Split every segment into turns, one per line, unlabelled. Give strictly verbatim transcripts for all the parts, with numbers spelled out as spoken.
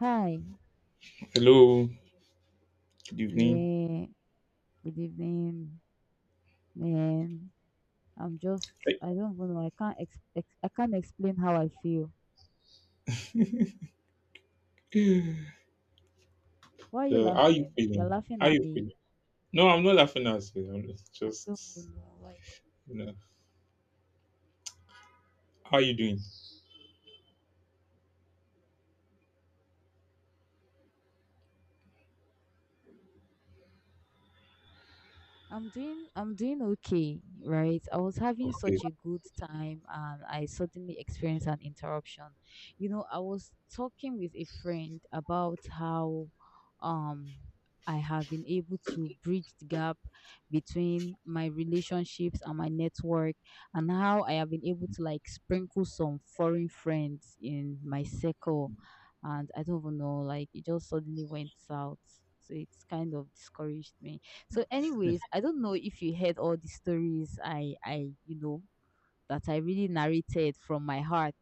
Hi.
Hello, good evening.
Yeah. Good evening, man. I'm just I don't even know. I can't ex- ex- I can't explain how I feel.
Hey.
Why are you
So, how you
laughing? You're
feeling?
laughing
How
at
you
me.
feeling? No, I'm not laughing at you. I'm just,
I don't
just,
even know why.
you know, how you doing?
I'm doing I'm doing okay, right? I was having
Okay.
such a good time and I suddenly experienced an interruption. You know, I was talking with a friend about how um I have been able to bridge the gap between my relationships and my network, and how I have been able to like sprinkle some foreign friends in my circle, and I don't even know, like it just suddenly went south. So it's kind of discouraged me. So, anyways, I don't know if you heard all the stories I I you know that I really narrated from my heart.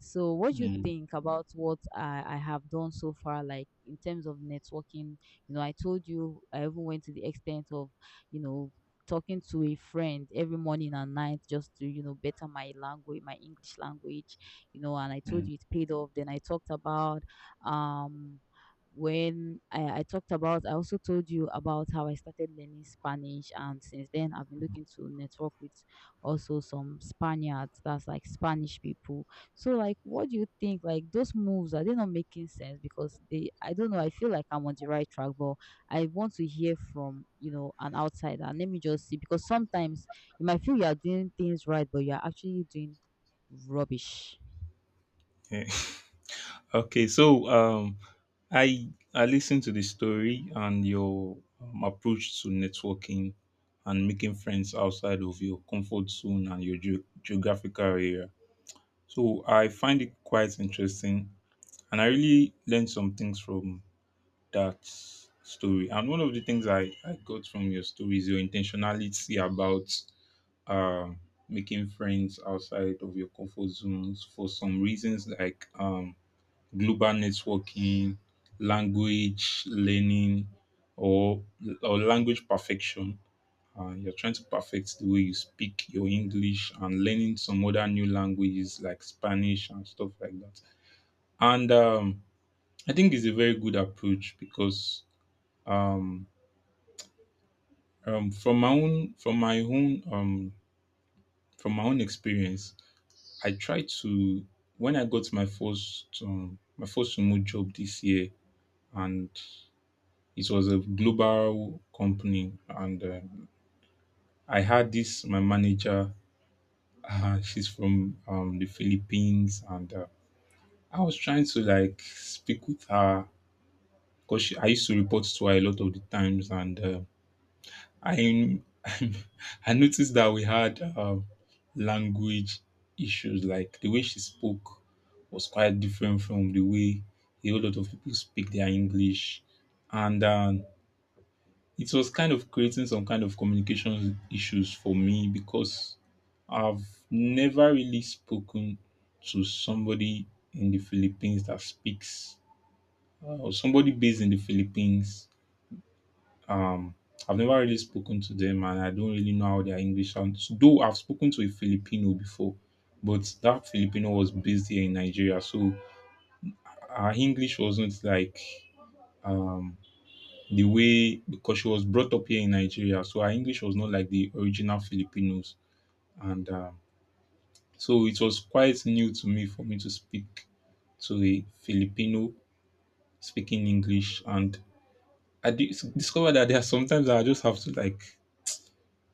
So, what do you think about what I, I have done so far, like in terms of networking? You know, I told you I even went to the extent of, you know, talking to a friend every morning and night just to, you know, better my language, my English language, you know, and I told you it paid off. Then I talked about, um, when I, I talked about, I also told you about how I started learning Spanish, and since then I've been looking to network with also some Spaniards, that's like Spanish people. So like what do you think? Like those moves, are they not making sense? Because they I don't know, I feel like I'm on the right track, but I want to hear from, you know, an outsider. Let me just see because sometimes you might feel you are doing things right, but you are actually doing rubbish.
Yeah. Okay. So, um, I I listened to the story and your um, approach to networking and making friends outside of your comfort zone and your ge- geographical area. So I find it quite interesting, and I really learned some things from that story. And one of the things I, I got from your story is your intentionality about uh, making friends outside of your comfort zones for some reasons like um, global networking, language learning, or or language perfection. Uh, you're trying to perfect the way you speak your English and learning some other new languages like Spanish and stuff like that. And um, I think it's a very good approach because um, um, from my own from my own um, from my own experience I tried to when i got my first um, my first remote job this year. And it was a global company, and um i had this my manager, uh, she's from um, the philippines and uh, i was trying to like speak with her because i used to report to her a lot of the times. And uh, I I noticed that we had um, language issues. Like the way she spoke was quite different from the way a whole lot of people speak their English, and um, it was kind of creating some kind of communication issues for me because I've never really spoken to somebody in the Philippines that speaks, uh, or somebody based in the Philippines. um I've never really spoken to them, and I don't really know how their English sounds. Though I've spoken to a Filipino before, but that Filipino was based here in Nigeria, so her English wasn't like um the way, because she was brought up here in Nigeria, so her English was not like the original Filipinos. And um so it was quite new to me for me to speak to a Filipino speaking English, and I dis- discovered that there are sometimes I just have to like,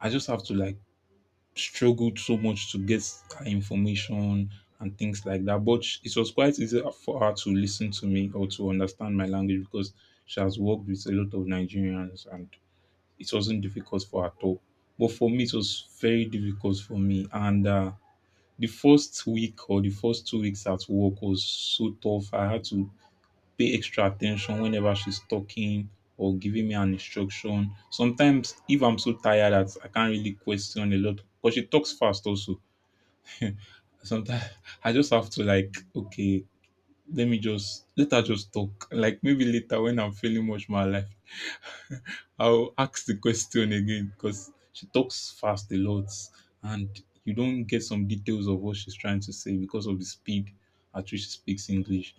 I just have to like struggled so much to get her information and things like that. But sh- it was quite easy for her to listen to me or to understand my language because she has worked with a lot of Nigerians, and it wasn't difficult for her at all. But for me, it was very difficult for me. And uh, the first week or the first two weeks at work was so tough. I had to pay extra attention whenever she's talking or giving me an instruction. Sometimes, if I'm so tired that I can't really question a lot, because she talks fast also. Sometimes I just have to like, okay, let me just let her just talk. Like maybe later when I'm feeling much more alive, I'll ask the question again because she talks fast a lot, and you don't get some details of what she's trying to say because of the speed at which she speaks English.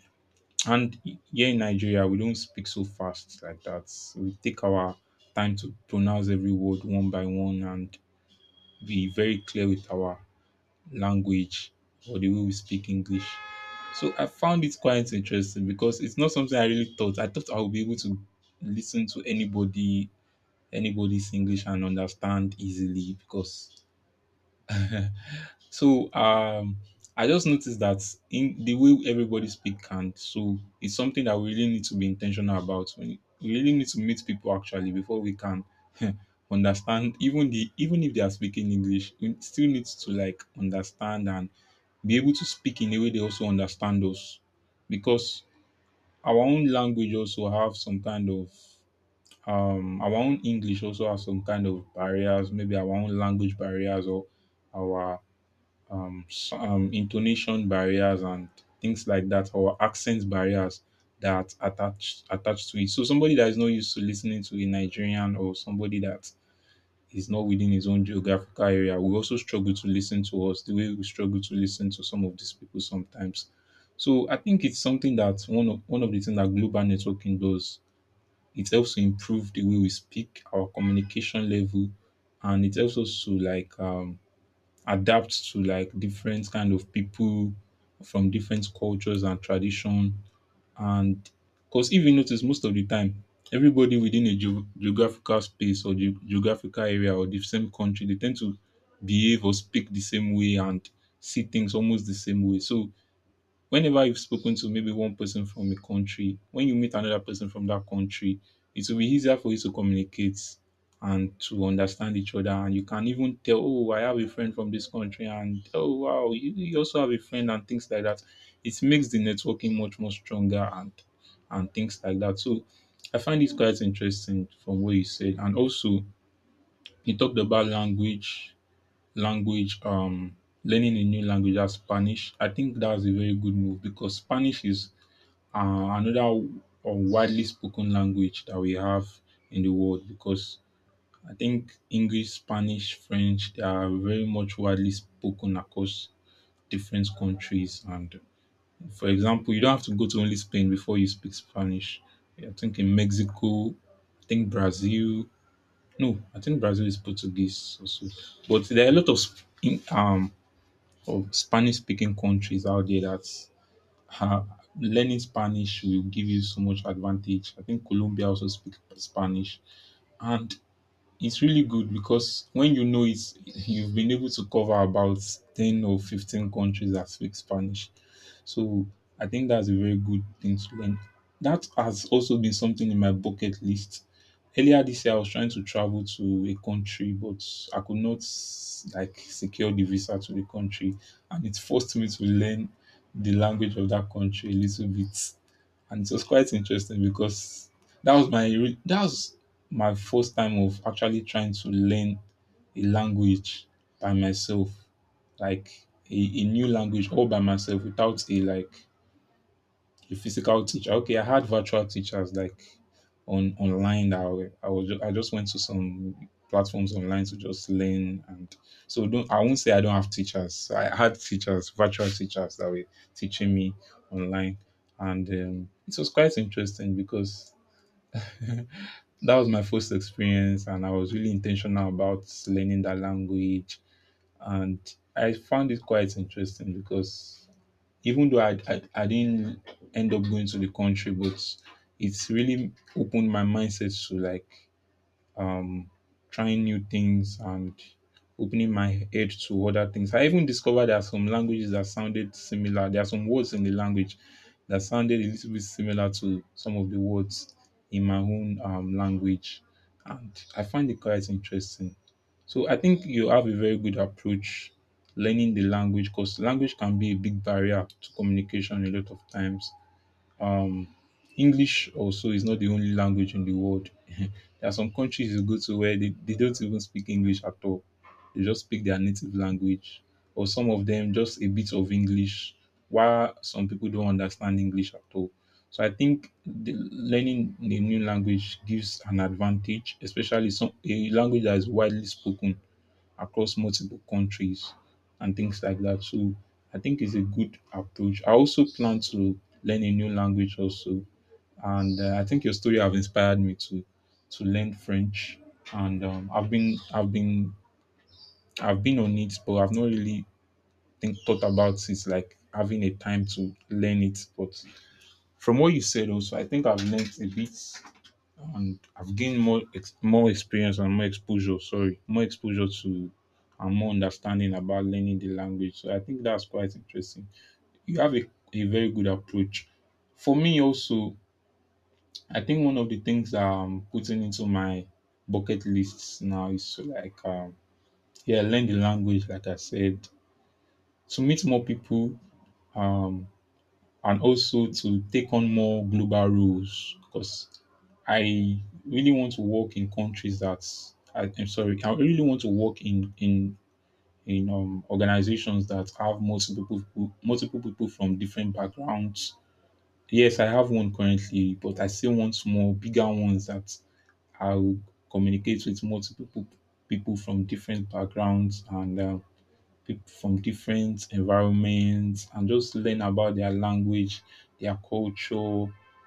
And here in Nigeria, we don't speak so fast like that. We take our time to pronounce every word one by one and be very clear with our language or the way we speak English. So I found it quite interesting because it's not something I really thought. I thought I would be able to listen to anybody, anybody's English, and understand easily because so um, I just noticed that in the way everybody speak can. So it's something that we really need to be intentional about. When we really need to meet people, actually, before we can understand, even the even if they are speaking English, we still need to like understand and be able to speak in a way they also understand us, because our own language also have some kind of um our own English also has some kind of barriers, maybe our own language barriers or our um, s- um, intonation barriers and things like that, or accent barriers that attach attached to it. So somebody that is not used to listening to a Nigerian, or somebody that is not within his own geographical area, will also struggle to listen to us the way we struggle to listen to some of these people sometimes. So I think it's something that one of one of the things that global networking does. It helps to improve the way we speak, our communication level, and it helps us to like um adapt to like different kind of people from different cultures and tradition. And because, if you notice, most of the time, everybody within a geo- geographical space or ge- geographical area or the same country, they tend to behave or speak the same way and see things almost the same way. So whenever you've spoken to maybe one person from a country, when you meet another person from that country, it will be easier for you to communicate and to understand each other. And you can even tell, oh, I have a friend from this country, and oh, wow, you, you also have a friend, and things like that. It makes the networking much more stronger, and and things like that. So I find this quite interesting from what you said. And also you talked about language language um learning a new language as spanish I think that's a very good move because Spanish is, uh, another w- uh, widely spoken language that we have in the world, because I think English, Spanish, French, they are very much widely spoken across different countries. And, for example, you don't have to go to only Spain before you speak Spanish. I think in Mexico, I think Brazil. No, I think Brazil is Portuguese also. But there are a lot of sp- in, um of Spanish speaking countries out there that, uh, learning Spanish will give you so much advantage. I think Colombia also speaks Spanish. And it's really good because when you know it, you've been able to cover about ten or fifteen countries that speak Spanish. So I think that's a very good thing to learn. That has also been something in my bucket list. Earlier this year, I was trying to travel to a country, but I could not like secure the visa to the country, and it forced me to learn the language of that country a little bit. And it was quite interesting because that was my re- that was my first time of actually trying to learn a language by myself, like a, a new language all by myself, without a, like, the physical teacher. Okay, I had virtual teachers, like on online. That I wa- I was ju- I just went to some platforms online to just learn. And so don't I won't say I don't have teachers. I had teachers, virtual teachers that were teaching me online. And um, it was quite interesting because that was my first experience, and I was really intentional about learning that language. And I found it quite interesting because, even though I, I I didn't end up going to the country, but it's really opened my mindset to like, um, trying new things and opening my head to other things. I even discovered there are some languages that sounded similar. There are some words in the language that sounded a little bit similar to some of the words in my own um, language. And I find it quite interesting. So I think you have a very good approach learning the language, because language can be a big barrier to communication a lot of times. um, English also is not the only language in the world. There are some countries you go to where they, they don't even speak English at all. They just speak their native language, or some of them just a bit of English, while some people don't understand English at all. So I think the learning a new language gives an advantage, especially some a language that is widely spoken across multiple countries and things like that. So I think it's a good approach. I also plan to learn a new language also, and uh, I think your story have inspired me to to learn French. And um, I've been I've been I've been on it, but I've not really think thought about it, like having a time to learn it. But from what you said also, I think I've learned a bit, and I've gained more ex- more experience and more exposure. Sorry, more exposure to and more understanding about learning the language. So I think that's quite interesting. You have a, a very good approach. For me, also, I think one of the things that I'm putting into my bucket lists now is to like, um, yeah, learn the language. Like I said, to meet more people. Um, and also to take on more global roles because I really want to work in countries that I, I'm sorry, I really want to work in in in um, organizations that have multiple people, multiple people from different backgrounds. Yes, I have one currently, but I still want more bigger ones that I'll communicate with multiple people people from different backgrounds, and um, people from different environments, and just learn about their language, their culture,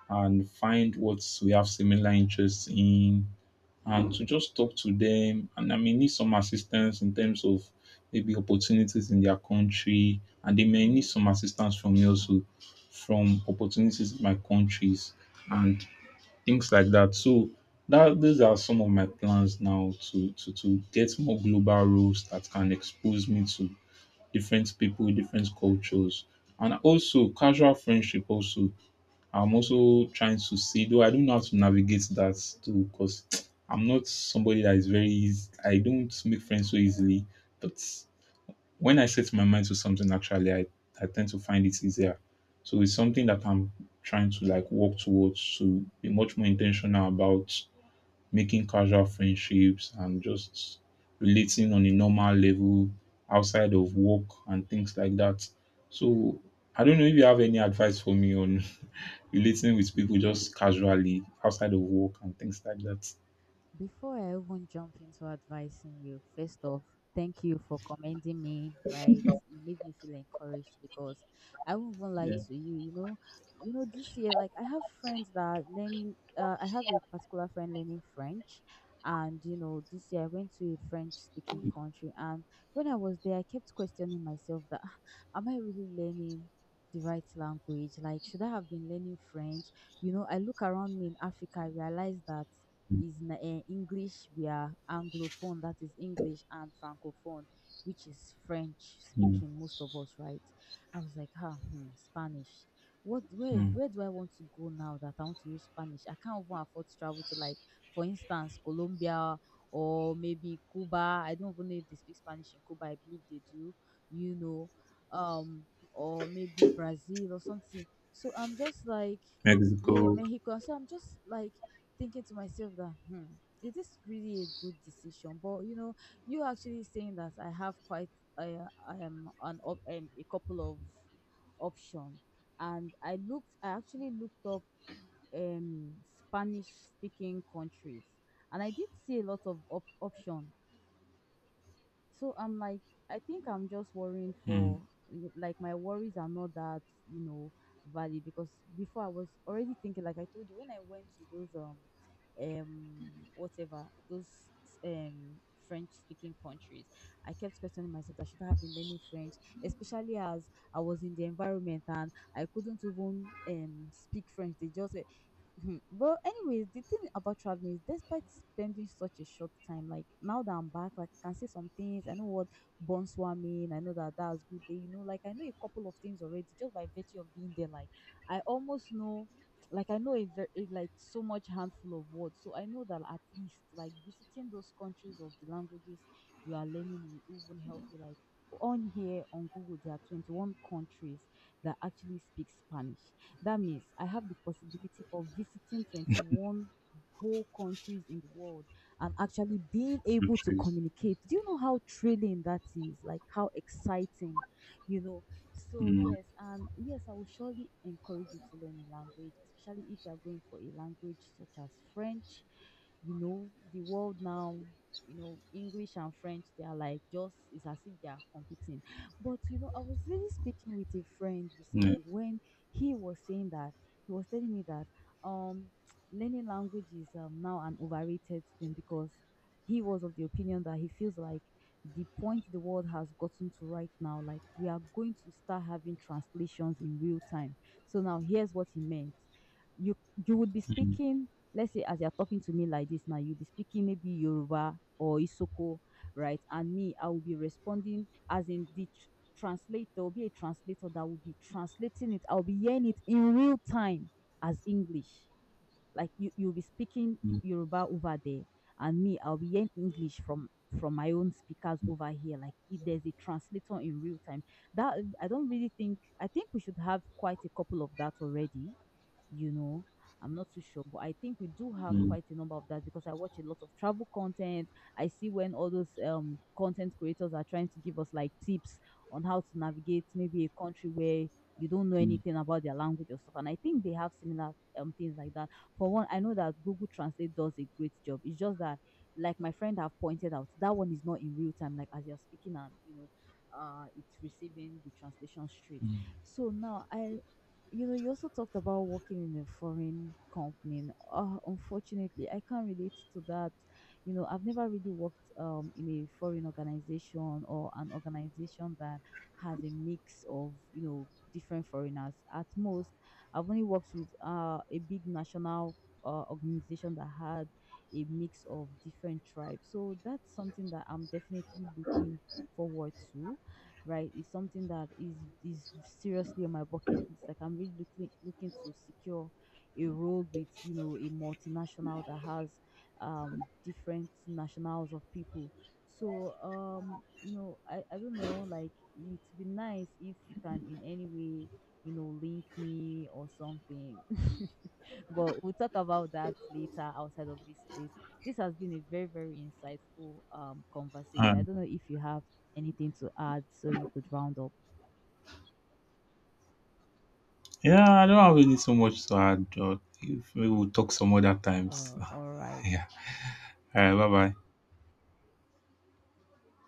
and find what we have similar interests in, and to just talk to them. And I may need some assistance in terms of maybe opportunities in their country, and they may need some assistance from me also from opportunities in my countries and things like that. So that these are some of my plans now, to to to get more global roles that can expose me to different people, different cultures. And also casual friendship also, I'm also trying to see, though I don't know how to navigate that too, because I'm not somebody that is very easy. I don't make friends so easily. But when I set my mind to something, actually, I, I tend to find it easier. So it's something that I'm trying to like work towards, to be much more intentional about making casual friendships and just relating on a normal level outside of work and things like that. So I don't know if you have any advice for me on relating with people just casually outside of work and things like that.
Before I even jump into advising you, first off, thank you for commending me, right? You made me feel encouraged because I won't even lie
Yeah.
to you, you know. You know, this year, like I have friends that are learning uh, I have a particular friend learning French, and you know, this year I went to a French speaking country, and when I was there I kept questioning myself that, "Ah, am I really learning the right language? Like should I have been learning French?" you know, I look around me in Africa, I realize that is na- eh, English, we are Anglophone, that is English, and Francophone, which is French
Mm,
speaking, most of us, right? I was like, ah, hmm, Spanish. What where
mm.
where do I want to go now that I want to use Spanish? I can't even afford to travel to like, for instance, Colombia or maybe Cuba. I don't even know if they speak Spanish in Cuba. I believe they do, you know. Um, or maybe Brazil or something. So I'm just like, yeah,
Mexico.
Mexico. So I'm just like thinking to myself that hmm is this really a good decision? But you know you actually saying that I have quite uh, um, an op- um, a couple of options, and i looked i actually looked up um Spanish speaking countries, and I did see a lot of op- options, so I'm like, I think I'm just worrying
Mm.
for y- like my worries are not that you know valid, because before I was already thinking, like I told you, when I went to those um um whatever those um French speaking countries, I kept questioning myself that should I have been learning French, especially as I was in the environment and I couldn't even um speak French. They just. Mhm. Well, anyways, the thing about traveling is despite spending such a short time, like now that I'm back, like I can see some things. I know what bonsoir mean. I know that that's good day. You know, like I know a couple of things already just by virtue of being there. Like I almost know, like I know a very like so much handful of words. So I know that at least like visiting those countries of the languages you are learning will even help you. Like on here on Google, there are twenty-one countries that actually speak Spanish. That means I have the possibility of visiting twenty-one whole countries in the world and actually being able to
Countries.
communicate. Do you know how thrilling that is? Like how exciting, you know? So,
Mm.
yes, and yes, I will surely encourage you to learn a language, especially if you are going for a language such as French. You know, the world now, you know, English and French, they are like just, it's as if they are competing. But, you know, I was really speaking with a friend
Yeah.
recently when he was saying that he was telling me that um learning language is um, now an overrated thing, because he was of the opinion that he feels like the point the world has gotten to right now, like we are going to start having translations in real time. So now here's what he meant. You you would be
Mm,
speaking, let's say as you're talking to me like this now, you'll be speaking maybe Yoruba or Isoko, right, and me, I will be responding as in the translate, there will be a translator that will be translating it. I'll be hearing it in real time as English. Like you, you'll be speaking
mm,
Yoruba over there, and me, I'll be hearing English from from my own speakers over here. Like it, there's a translator in real time. That I don't really think. I think we should have quite a couple of that already. You know, I'm not too sure, but I think we do have
mm,
quite a number of that because I watch a lot of travel content. I see when all those um content creators are trying to give us like tips on how to navigate maybe a country where you don't know
mm,
anything about their language or stuff. And I think they have similar um things like that. For one, I know that Google Translate does a great job. It's just that, like my friend have pointed out, that one is not in real time. Like as you're speaking, and you know, uh, it's receiving the translation straight.
mm.
So now I. You know, you also talked about working in a foreign company. Uh, unfortunately, I can't relate to that. You know, I've never really worked um, in a foreign organization or an organization that has a mix of you know different foreigners at most. I've only worked with uh, a big national uh, organization that had a mix of different tribes. So that's something that I'm definitely looking forward to, right? It's something that is is seriously on my bucket list. Like I'm really looking looking to secure a role with you know a multinational that has um different nationals of people. So um you know I I don't know, like it'd be nice if you can in any way you know, link me or something. But we'll talk about that later outside of this space. This has been a very, very insightful um conversation. I
Um,
don't know if you have anything to add so you could round up.
yeah, I don't have really so much to add. Or if we will talk some other times.
Uh, all right.
Yeah. All right. Bye bye.